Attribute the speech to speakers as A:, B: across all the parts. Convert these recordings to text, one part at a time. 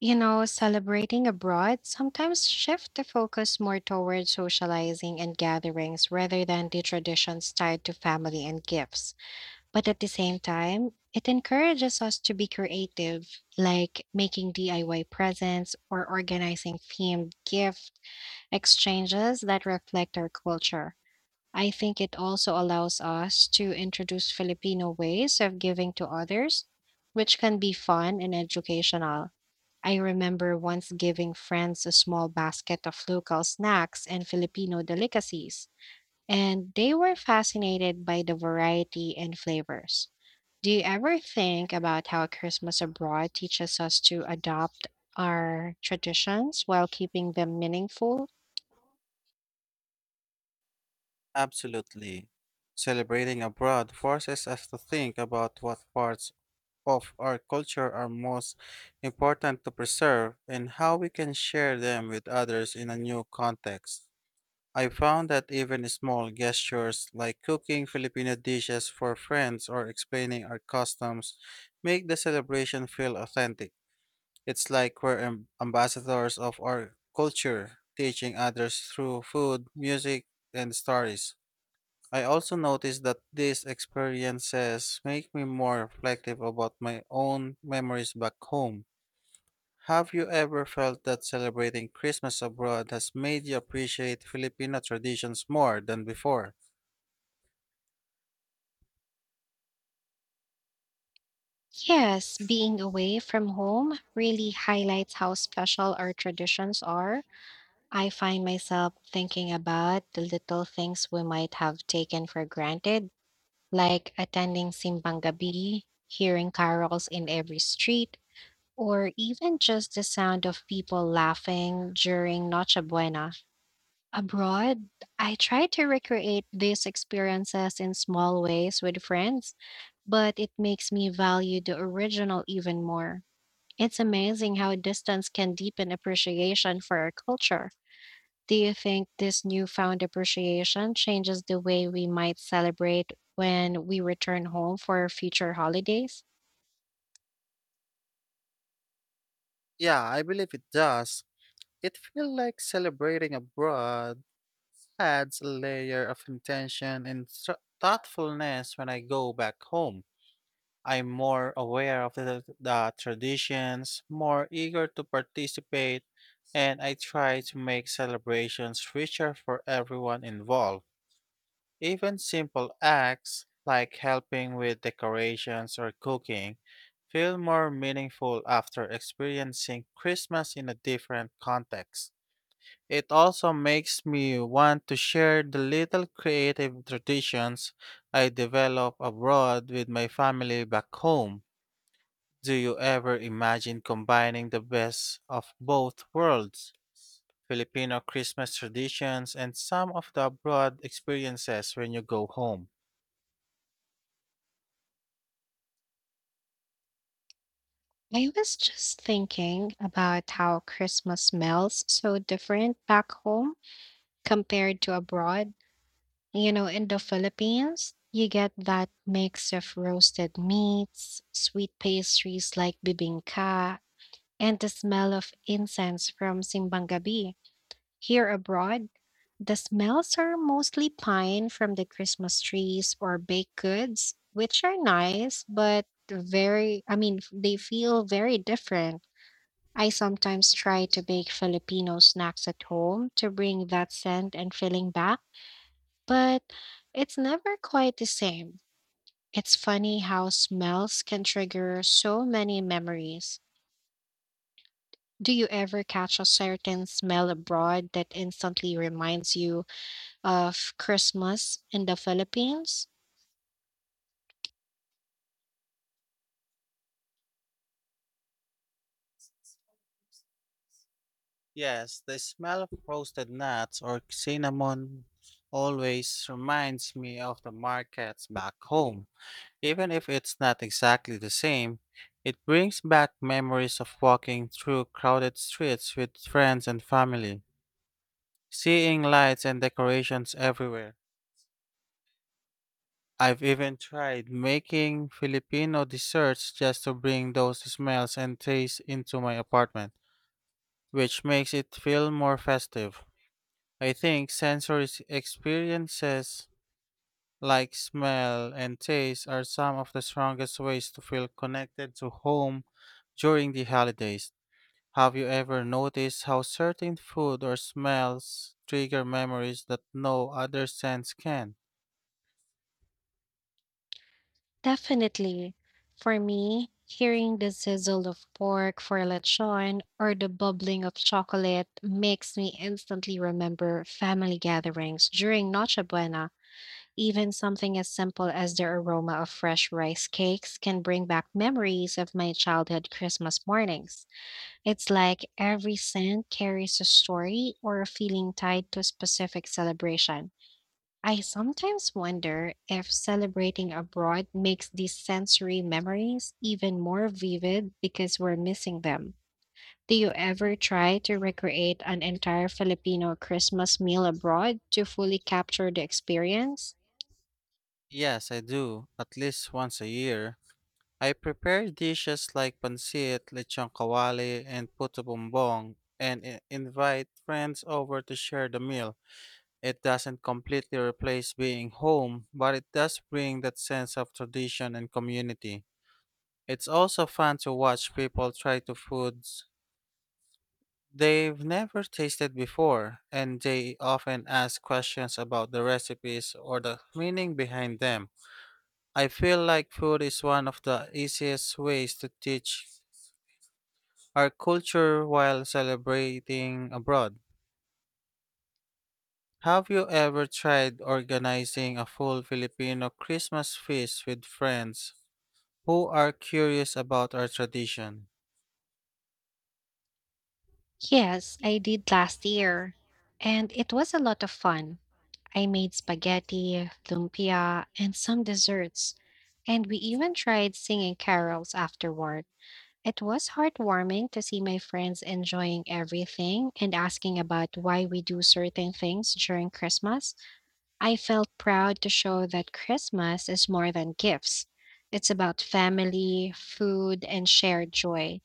A: You know, celebrating abroad sometimes shift the focus more toward socializing and gatherings rather than the traditions tied to family and gifts. But at the same time, it encourages us to be creative, like making DIY presents or organizing themed gift exchanges that reflect our culture. I think it also allows us to introduce Filipino ways of giving to others, which can be fun and educational. I remember once giving friends a small basket of local snacks and Filipino delicacies, and they were fascinated by the variety and flavors. Do you ever think about how Christmas abroad teaches us to adopt our traditions while keeping them meaningful?
B: Absolutely. Celebrating abroad forces us to think about what parts of our culture are most important to preserve and how we can share them with others in a new context. I found that even small gestures like cooking Filipino dishes for friends or explaining our customs make the celebration feel authentic. It's like we're ambassadors of our culture, teaching others through food, music, and stories. I also noticed that these experiences make me more reflective about my own memories back home. Have you ever felt that celebrating Christmas abroad has made you appreciate Filipino traditions more than before?
A: Yes, being away from home really highlights how special our traditions are. I find myself thinking about the little things we might have taken for granted like attending simbang gabi, hearing carols in every street, or even just the sound of people laughing during Noche Buena. Abroad, I try to recreate these experiences in small ways with friends, but it makes me value the original even more. It's amazing how distance can deepen appreciation for our culture. Do you think this newfound appreciation changes the way we might celebrate when we return home for future holidays?
B: Yeah, I believe it does. It feels like celebrating abroad adds a layer of intention and thoughtfulness when I go back home. I'm more aware of the traditions, more eager to participate, and I try to make celebrations richer for everyone involved. Even simple acts like helping with decorations or cooking feel more meaningful after experiencing Christmas in a different context. It also makes me want to share the little creative traditions I develop abroad with my family back home. Do you ever imagine combining the best of both worlds? Filipino Christmas traditions and some of the abroad experiences when you go home.
A: I was just thinking about how Christmas smells so different back home compared to abroad. You know, in the Philippines, you get that mix of roasted meats, sweet pastries like bibingka, and the smell of incense from Simbang Gabi. Here abroad, the smells are mostly pine from the Christmas trees or baked goods, which are nice, but very, they feel very different. I sometimes try to bake Filipino snacks at home to bring that scent and feeling back, but it's never quite the same. It's funny how smells can trigger so many memories. Do you ever catch a certain smell abroad that instantly reminds you of Christmas in the Philippines?
B: Yes, the smell of roasted nuts or cinnamon always reminds me of the markets back home. Even if it's not exactly the same, it brings back memories of walking through crowded streets with friends and family, seeing lights and decorations everywhere. I've even tried making Filipino desserts just to bring those smells and tastes into my apartment, which makes it feel more festive. I think sensory experiences like smell and taste are some of the strongest ways to feel connected to home during the holidays. Have you ever noticed how certain food or smells trigger memories that no other sense can?
A: Definitely. For me, hearing the sizzle of pork for lechon or the bubbling of chocolate makes me instantly remember family gatherings during Noche Buena. Even something as simple as the aroma of fresh rice cakes can bring back memories of my childhood Christmas mornings. It's like every scent carries a story or a feeling tied to a specific celebration. I sometimes wonder if celebrating abroad makes these sensory memories even more vivid because we're missing them. Do you ever try to recreate an entire Filipino Christmas meal abroad to fully capture the experience?
B: Yes, I do, at least once a year. I prepare dishes like pancit, lechon kawali, and puto bumbong, and invite friends over to share the meal. It doesn't completely replace being home, but it does bring that sense of tradition and community. It's also fun to watch people try to foods they've never tasted before, and they often ask questions about the recipes or the meaning behind them. I feel like food is one of the easiest ways to teach our culture while celebrating abroad. Have you ever tried organizing a full Filipino Christmas feast with friends who are curious about our tradition?
A: Yes, I did last year, and it was a lot of fun. I made spaghetti, lumpia, and some desserts, and we even tried singing carols afterward. It was heartwarming to see my friends enjoying everything and asking about why we do certain things during Christmas. I felt proud to show that Christmas is more than gifts. It's about family, food, and shared joy.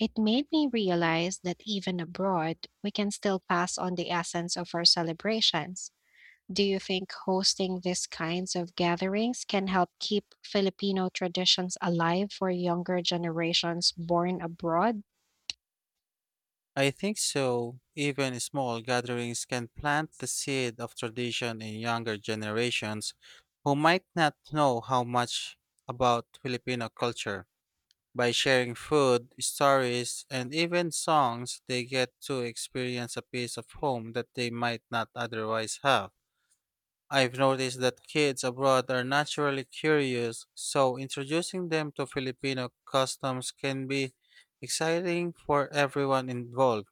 A: It made me realize that even abroad, we can still pass on the essence of our celebrations. Do you think hosting these kinds of gatherings can help keep Filipino traditions alive for younger generations born abroad?
B: I think so. Even small gatherings can plant the seed of tradition in younger generations who might not know how much about Filipino culture. By sharing food, stories, and even songs, they get to experience a piece of home that they might not otherwise have. I've noticed that kids abroad are naturally curious, so introducing them to Filipino customs can be exciting for everyone involved.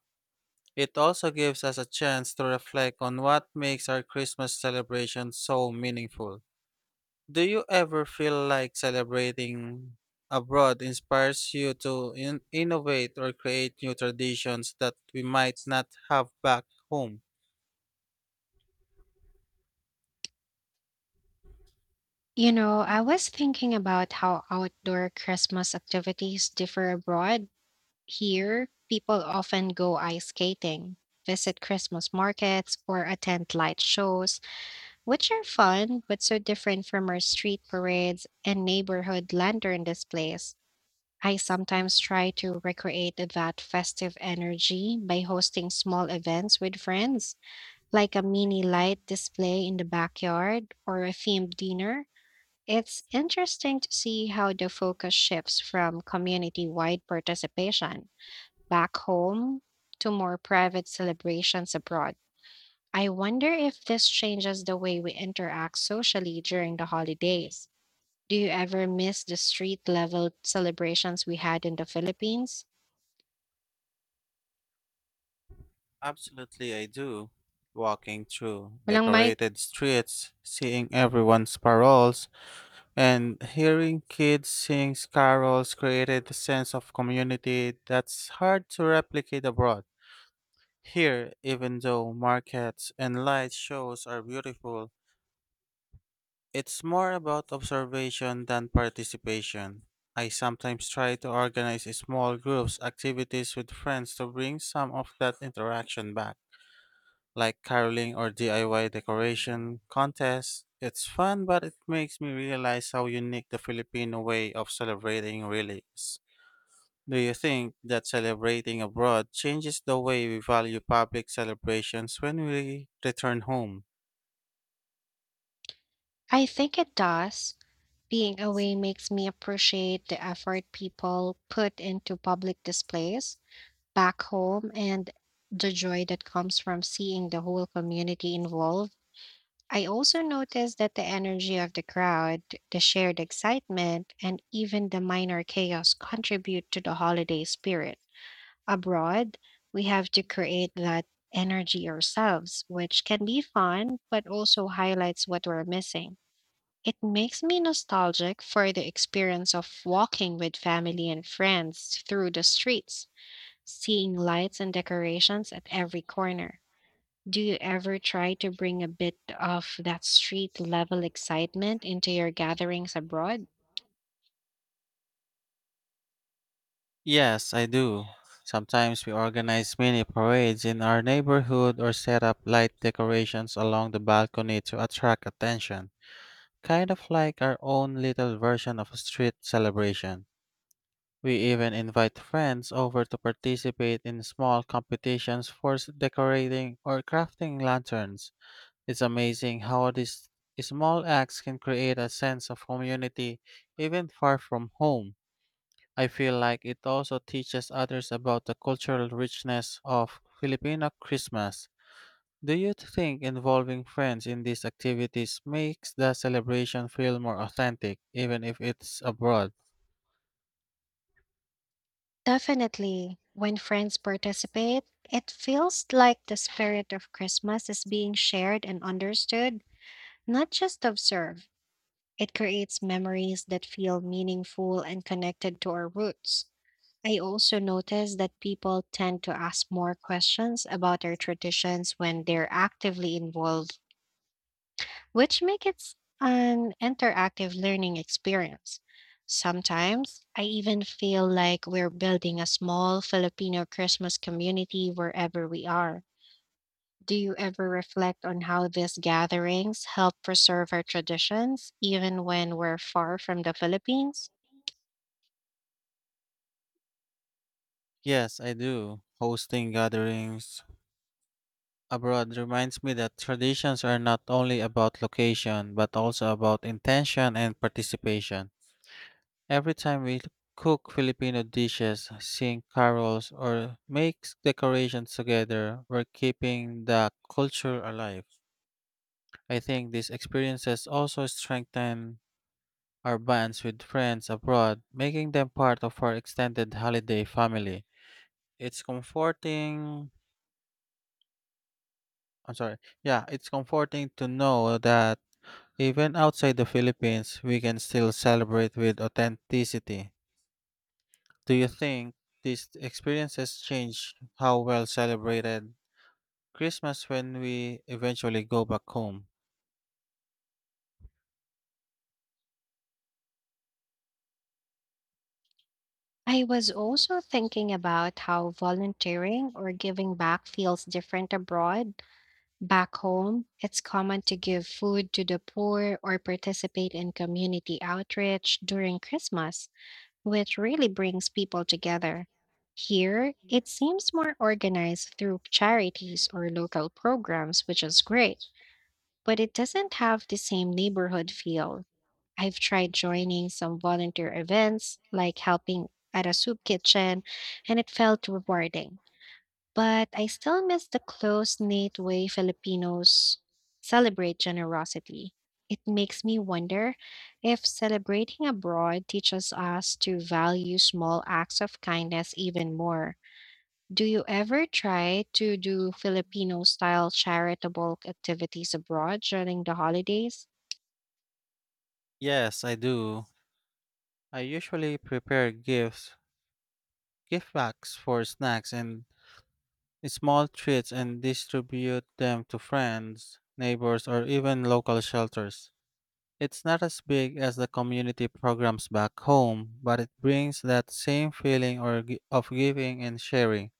B: It also gives us a chance to reflect on what makes our Christmas celebration so meaningful. Do you ever feel like celebrating abroad inspires you to innovate or create new traditions that we might not have back home?
A: You know, I was thinking about how outdoor Christmas activities differ abroad. Here, people often go ice skating, visit Christmas markets, or attend light shows, which are fun but so different from our street parades and neighborhood lantern displays. I sometimes try to recreate that festive energy by hosting small events with friends, like a mini light display in the backyard or a themed dinner. It's interesting to see how the focus shifts from community wide participation back home to more private celebrations abroad. I wonder if this changes the way we interact socially during the holidays. Do you ever miss the street level celebrations we had in the Philippines?
B: Absolutely, I do. Walking through
A: Walang mic?
B: decorated streets, seeing everyone's paroles, and hearing kids sing carols created a sense of community that's hard to replicate abroad. Here, even though markets and light shows are beautiful, it's more about observation than participation. I sometimes try to organize small groups activities with friends to bring some of that interaction back, like caroling or DIY decoration contests. It's fun, but it makes me realize how unique the Filipino way of celebrating really is. Do you think that celebrating abroad changes the way we value public celebrations when we return home?
A: I think it does. Being away makes me appreciate the effort people put into public displays back home and the joy that comes from seeing the whole community involved. I also notice that the energy of the crowd, the shared excitement, and even the minor chaos contribute to the holiday spirit. Abroad, we have to create that energy ourselves, which can be fun, but also highlights what we're missing. It makes me nostalgic for the experience of walking with family and friends through the streets, seeing lights and decorations at every corner. Do you ever try to bring a bit of that street level excitement into your gatherings abroad?
B: Yes, I do. Sometimes we organize mini parades in our neighborhood or set up light decorations along the balcony to attract attention, kind of like our own little version of a street celebration. We even invite friends over to participate in small competitions for decorating or crafting lanterns. It's amazing how these small acts can create a sense of community even far from home. I feel like it also teaches others about the cultural richness of Filipino Christmas. Do you think involving friends in these activities makes the celebration feel more authentic, even if it's abroad?
A: Definitely. When friends participate, it feels like the spirit of Christmas is being shared and understood, not just observed. It creates memories that feel meaningful and connected to our roots. I also notice that people tend to ask more questions about their traditions when they're actively involved, which makes it an interactive learning experience. Sometimes I even feel like we're building a small Filipino Christmas community wherever we are. Do you ever reflect on how these gatherings help preserve our traditions, even when we're far from the Philippines?
B: Yes, I do. Hosting gatherings abroad reminds me that traditions are not only about location, but also about intention and participation. Every time we cook Filipino dishes, sing carols, or make decorations together, we're keeping the culture alive. I think these experiences also strengthen our bonds with friends abroad, making them part of our extended holiday family. It's comforting. I'm sorry. Yeah, it's comforting to know that even outside the Philippines, we can still celebrate with authenticity. Do you think these experiences change how well celebrated Christmas when we eventually go back home?
A: I was also thinking about how volunteering or giving back feels different abroad. Back home, it's common to give food to the poor or participate in community outreach during Christmas, which really brings people together. Here, it seems more organized through charities or local programs, which is great, but it doesn't have the same neighborhood feel. I've tried joining some volunteer events, like helping at a soup kitchen, and it felt rewarding. But I still miss the close knit way Filipinos celebrate generosity. It makes me wonder if celebrating abroad teaches us to value small acts of kindness even more. Do you ever try to do Filipino style charitable activities abroad during the holidays?
B: Yes, I do. I usually prepare gift bags for snacks and small treats and distribute them to friends, neighbors, or even local shelters. It's not as big as the community programs back home, but it brings that same feeling or of giving and sharing.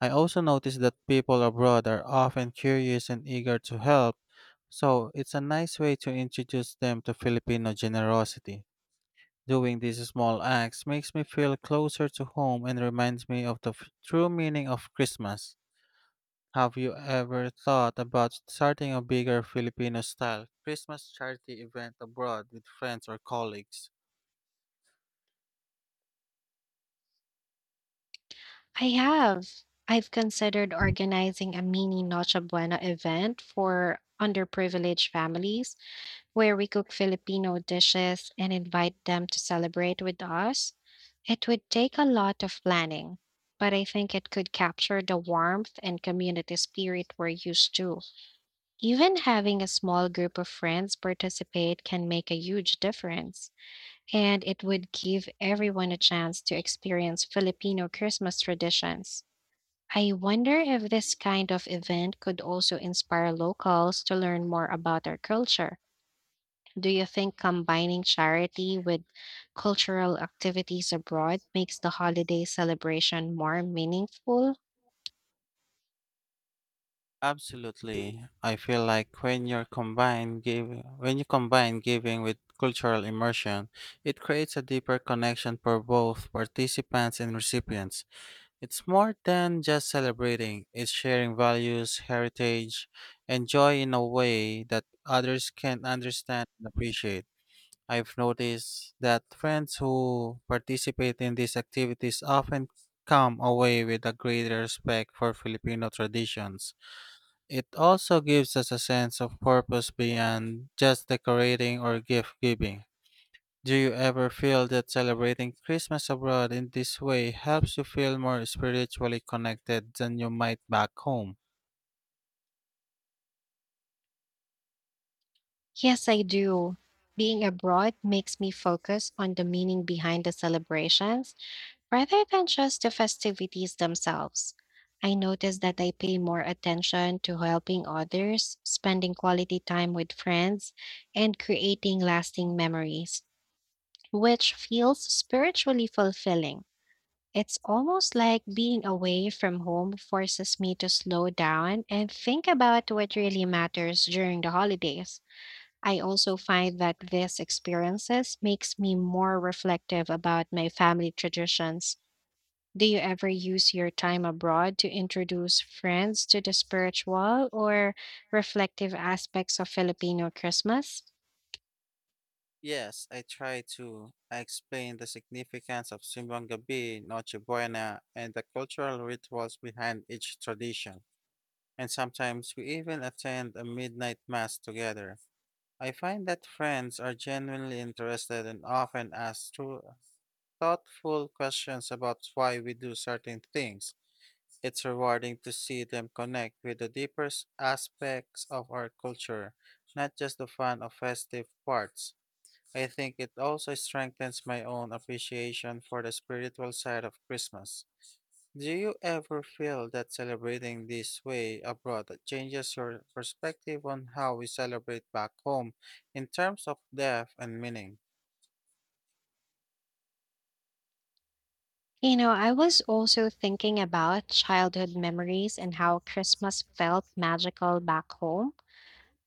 B: I also notice that people abroad are often curious and eager to help, so it's a nice way to introduce them to Filipino generosity. Doing these small acts makes me feel closer to home and reminds me of the true meaning of Christmas. Have you ever thought about starting a bigger Filipino style Christmas charity event abroad with friends or colleagues?
A: I have. I've considered organizing a mini Noche Buena event for underprivileged families where we cook Filipino dishes and invite them to celebrate with us. It would take a lot of planning, but I think it could capture the warmth and community spirit we're used to. Even having a small group of friends participate can make a huge difference, and it would give everyone a chance to experience Filipino Christmas traditions. I wonder if this kind of event could also inspire locals to learn more about our culture. Do you think combining charity with cultural activities abroad makes the holiday celebration more meaningful?
B: Absolutely. I feel like when you combine giving with cultural immersion, it creates a deeper connection for both participants and recipients. It's more than just celebrating, it's sharing values, heritage, and joy in a way that others can understand and appreciate. I've noticed that friends who participate in these activities often come away with a greater respect for Filipino traditions. It also gives us a sense of purpose beyond just decorating or gift giving. Do you ever feel that celebrating Christmas abroad in this way helps you feel more spiritually connected than you might back home?
A: Yes, I do. Being abroad makes me focus on the meaning behind the celebrations rather than just the festivities themselves, I notice that I pay more attention to helping others, spending quality time with friends, and creating lasting memories, which feels spiritually fulfilling. It's almost like being away from home forces me to slow down and think about what really matters during the holidays. I also find that these experiences makes me more reflective about my family traditions. Do you ever use your time abroad to introduce friends to the spiritual or reflective aspects of Filipino Christmas?
B: Yes, I try to. I explain the significance of Simbang Gabi, Noche Buena, and the cultural rituals behind each tradition. And sometimes we even attend a midnight mass together. I find that friends are genuinely interested and often ask through thoughtful questions about why we do certain things. It's rewarding to see them connect with the deeper aspects of our culture, not just the fun of festive parts. I think it also strengthens my own appreciation for the spiritual side of Christmas. Do you ever feel that celebrating this way abroad changes your perspective on how we celebrate back home in terms of depth and meaning?
A: You know, I was also thinking about childhood memories and how Christmas felt magical back home.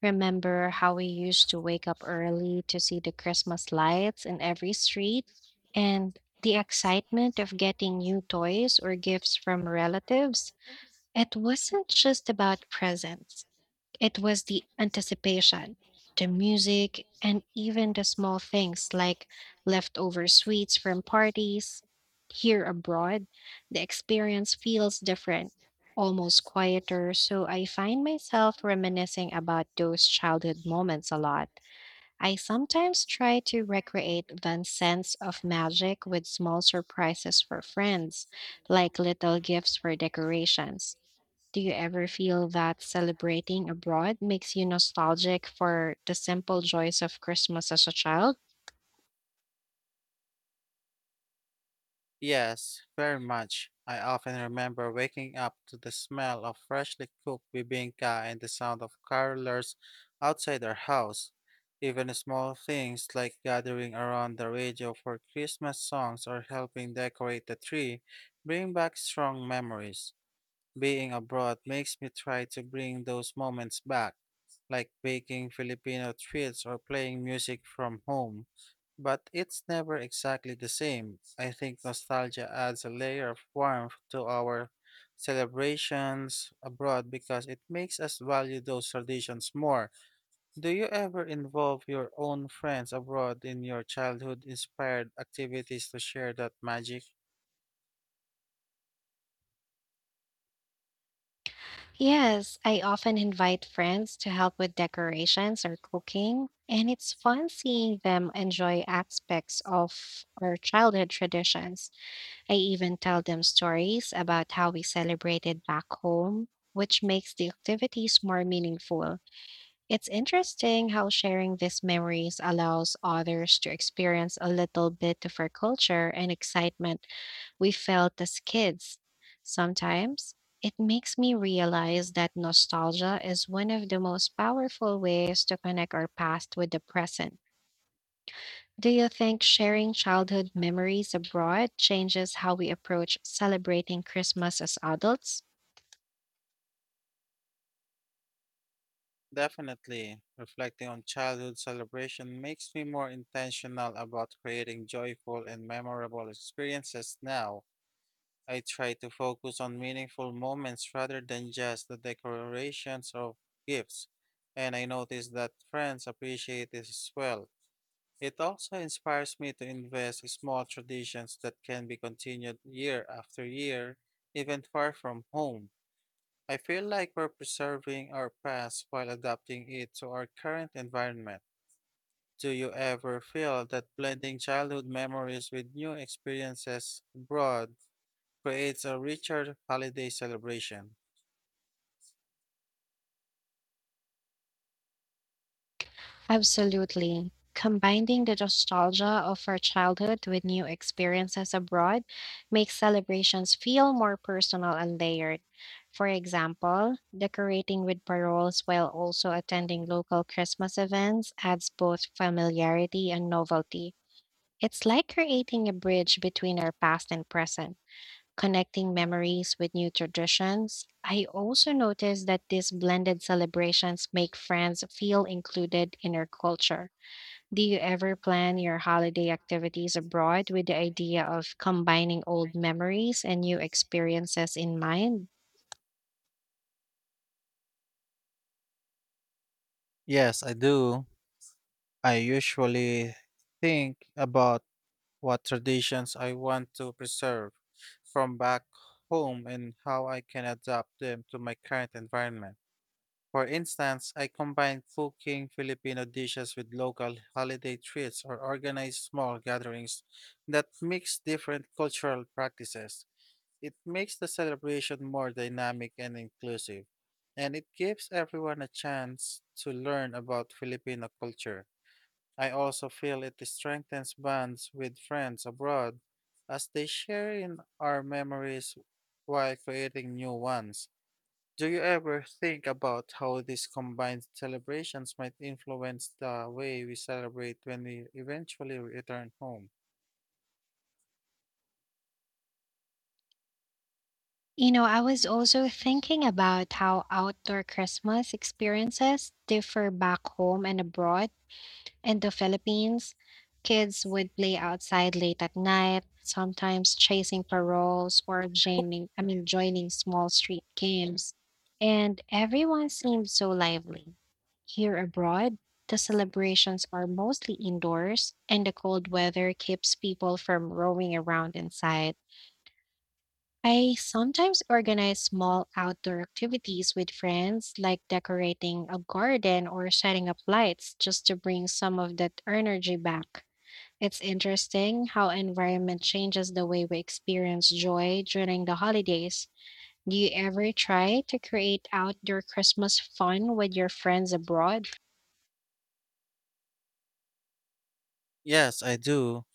A: Remember how we used to wake up early to see the Christmas lights in every street and the excitement of getting new toys or gifts from relatives? It wasn't just about presents. It was the anticipation, the music, and even the small things like leftover sweets from parties. Here abroad, the experience feels different, almost quieter, so I find myself reminiscing about those childhood moments a lot. I sometimes try to recreate that sense of magic with small surprises for friends, like little gifts for decorations. Do you ever feel that celebrating abroad makes you nostalgic for the simple joys of Christmas as a child?
B: Yes, very much. I often remember waking up to the smell of freshly cooked bibingka and the sound of carolers outside our house. Even small things like gathering around the radio for Christmas songs or helping decorate the tree bring back strong memories. Being abroad makes me try to bring those moments back, like baking Filipino treats or playing music from home. But it's never exactly the same. I think nostalgia adds a layer of warmth to our celebrations abroad because it makes us value those traditions more. Do you ever involve your own friends abroad in your childhood inspired activities to share that magic?
A: Yes, I often invite friends to help with decorations or cooking, and it's fun seeing them enjoy aspects of our childhood traditions. I even tell them stories about how we celebrated back home, which makes the activities more meaningful. It's interesting how sharing these memories allows others to experience a little bit of our culture and excitement we felt as kids. Sometimes it makes me realize that nostalgia is one of the most powerful ways to connect our past with the present. Do you think sharing childhood memories abroad changes how we approach celebrating Christmas as adults?
B: Definitely, reflecting on childhood celebration makes me more intentional about creating joyful and memorable experiences now. I try to focus on meaningful moments rather than just the decorations or gifts, and I notice that friends appreciate this as well. It also inspires me to invest in small traditions that can be continued year after year, even far from home. I feel like we're preserving our past while adapting it to our current environment. Do you ever feel that blending childhood memories with new experiences abroad creates a richer holiday celebration?
A: Absolutely. Combining the nostalgia of our childhood with new experiences abroad makes celebrations feel more personal and layered. For example, decorating with paroles while also attending local Christmas events adds both familiarity and novelty. It's like creating a bridge between our past and present, connecting memories with new traditions. I also noticed that these blended celebrations make friends feel included in our culture. Do you ever plan your holiday activities abroad with the idea of combining old memories and new experiences in mind?
B: Yes, I do. I usually think about what traditions I want to preserve from back home and how I can adapt them to my current environment. For instance, I combine cooking Filipino dishes with local holiday treats or organize small gatherings that mix different cultural practices. It makes the celebration more dynamic and inclusive, and it gives everyone a chance to learn about Filipino culture. I also feel it strengthens bonds with friends abroad as they share in our memories while creating new ones. Do you ever think about how these combined celebrations might influence the way we celebrate when we eventually return home?
A: You know, I was also thinking about how outdoor Christmas experiences differ back home and abroad. In the Philippines, kids would play outside late at night, sometimes chasing paroles or joining small street games. And everyone seemed so lively. Here abroad, the celebrations are mostly indoors, and the cold weather keeps people from roaming around inside. I sometimes organize small outdoor activities with friends, like decorating a garden or setting up lights, just to bring some of that energy back. It's interesting how environment changes the way we experience joy during the holidays. Do you ever try to create outdoor Christmas fun with your friends abroad?
B: Yes, I do.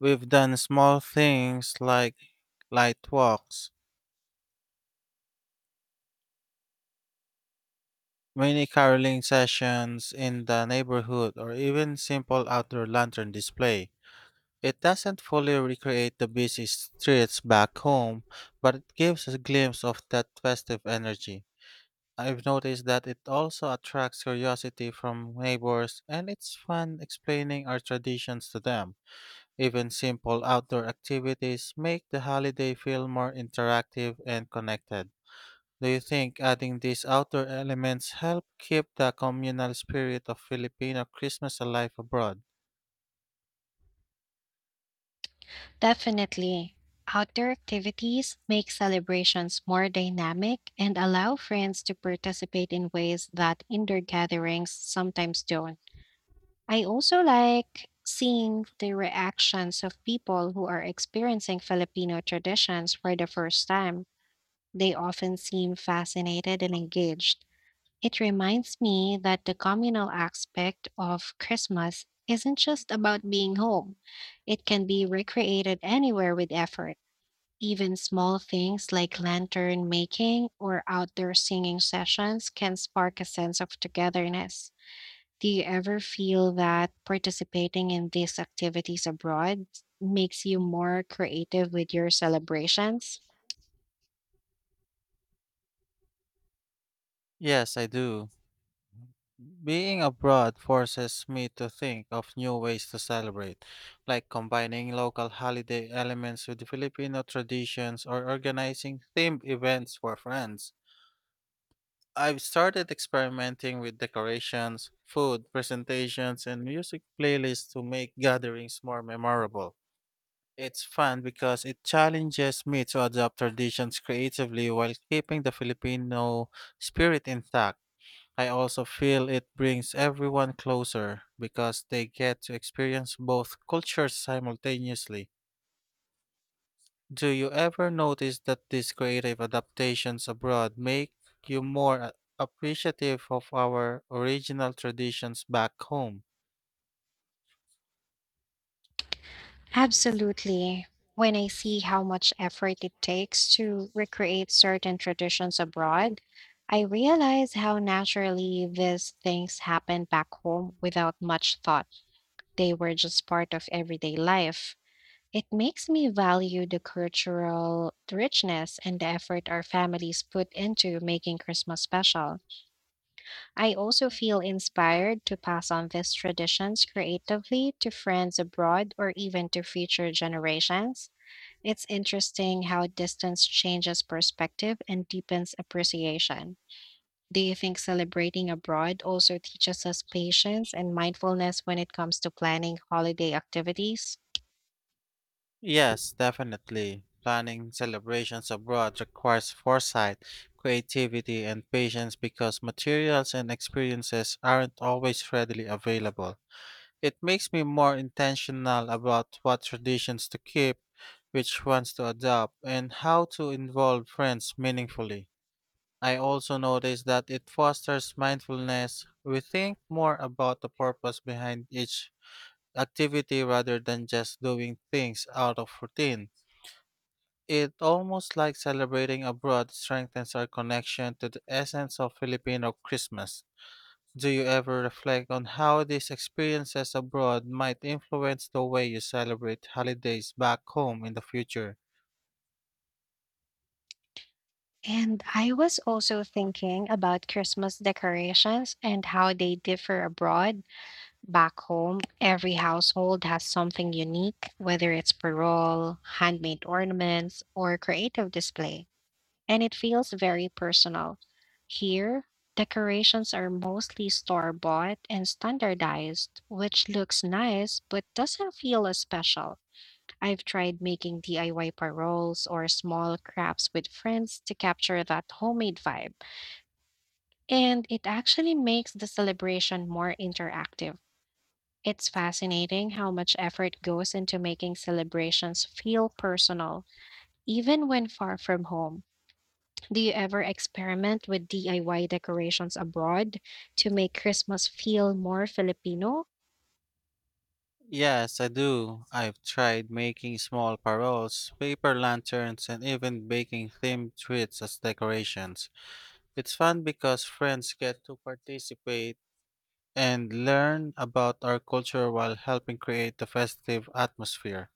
B: We've done small things like light walks, mini caroling sessions in the neighborhood, or even simple outdoor lantern display. It doesn't fully recreate the busy streets back home, but it gives a glimpse of that festive energy. I've noticed that it also attracts curiosity from neighbors, and it's fun explaining our traditions to them. Even simple outdoor activities make the holiday feel more interactive and connected. Do you think adding these outdoor elements help keep the communal spirit of Filipino Christmas alive abroad?
A: Definitely. Outdoor activities make celebrations more dynamic and allow friends to participate in ways that indoor gatherings sometimes don't. I also like seeing the reactions of people who are experiencing Filipino traditions for the first time. They often seem fascinated and engaged. It reminds me that the communal aspect of Christmas isn't just about being home, it can be recreated anywhere with effort. Even small things like lantern making or outdoor singing sessions can spark a sense of togetherness. Do you ever feel that participating in these activities abroad makes you more creative with your celebrations?
B: Yes, I do. Being abroad forces me to think of new ways to celebrate, like combining local holiday elements with Filipino traditions or organizing themed events for friends. I've started experimenting with decorations, food, presentations, and music playlists to make gatherings more memorable. It's fun because it challenges me to adapt traditions creatively while keeping the Filipino spirit intact. I also feel it brings everyone closer because they get to experience both cultures simultaneously. Do you ever notice that these creative adaptations abroad make you more appreciative of our original traditions back home?
A: Absolutely. When I see how much effort it takes to recreate certain traditions abroad, I realize how naturally these things happen back home without much thought. They were just part of everyday life. It makes me value the cultural richness and the effort our families put into making Christmas special. I also feel inspired to pass on these traditions creatively to friends abroad or even to future generations. It's interesting how distance changes perspective and deepens appreciation. Do you think celebrating abroad also teaches us patience and mindfulness when it comes to planning holiday activities?
B: Yes, definitely. Planning celebrations abroad requires foresight, creativity, and patience because materials and experiences aren't always readily available. It makes me more intentional about what traditions to keep, which ones to adopt, and how to involve friends meaningfully. I also notice that it fosters mindfulness. We think more about the purpose behind each activity rather than just doing things out of routine. It almost like celebrating abroad strengthens our connection to the essence of Filipino Christmas. Do you ever reflect on how these experiences abroad might influence the way you celebrate holidays back home in the future?
A: And I was also thinking about Christmas decorations and how they differ abroad. Back home, every household has something unique, whether it's parole, handmade ornaments, or creative display, and it feels very personal. Here, decorations are mostly store bought and standardized, which looks nice but doesn't feel as special. I've tried making DIY paroles or small crafts with friends to capture that homemade vibe, and it actually makes the celebration more interactive. It's fascinating how much effort goes into making celebrations feel personal, even when far from home. Do you ever experiment with DIY decorations abroad to make Christmas feel more Filipino?
B: Yes, I do. I've tried making small paroles, paper lanterns, and even baking themed treats as decorations. It's fun because friends get to participate and learn about our culture while helping create the festive atmosphere.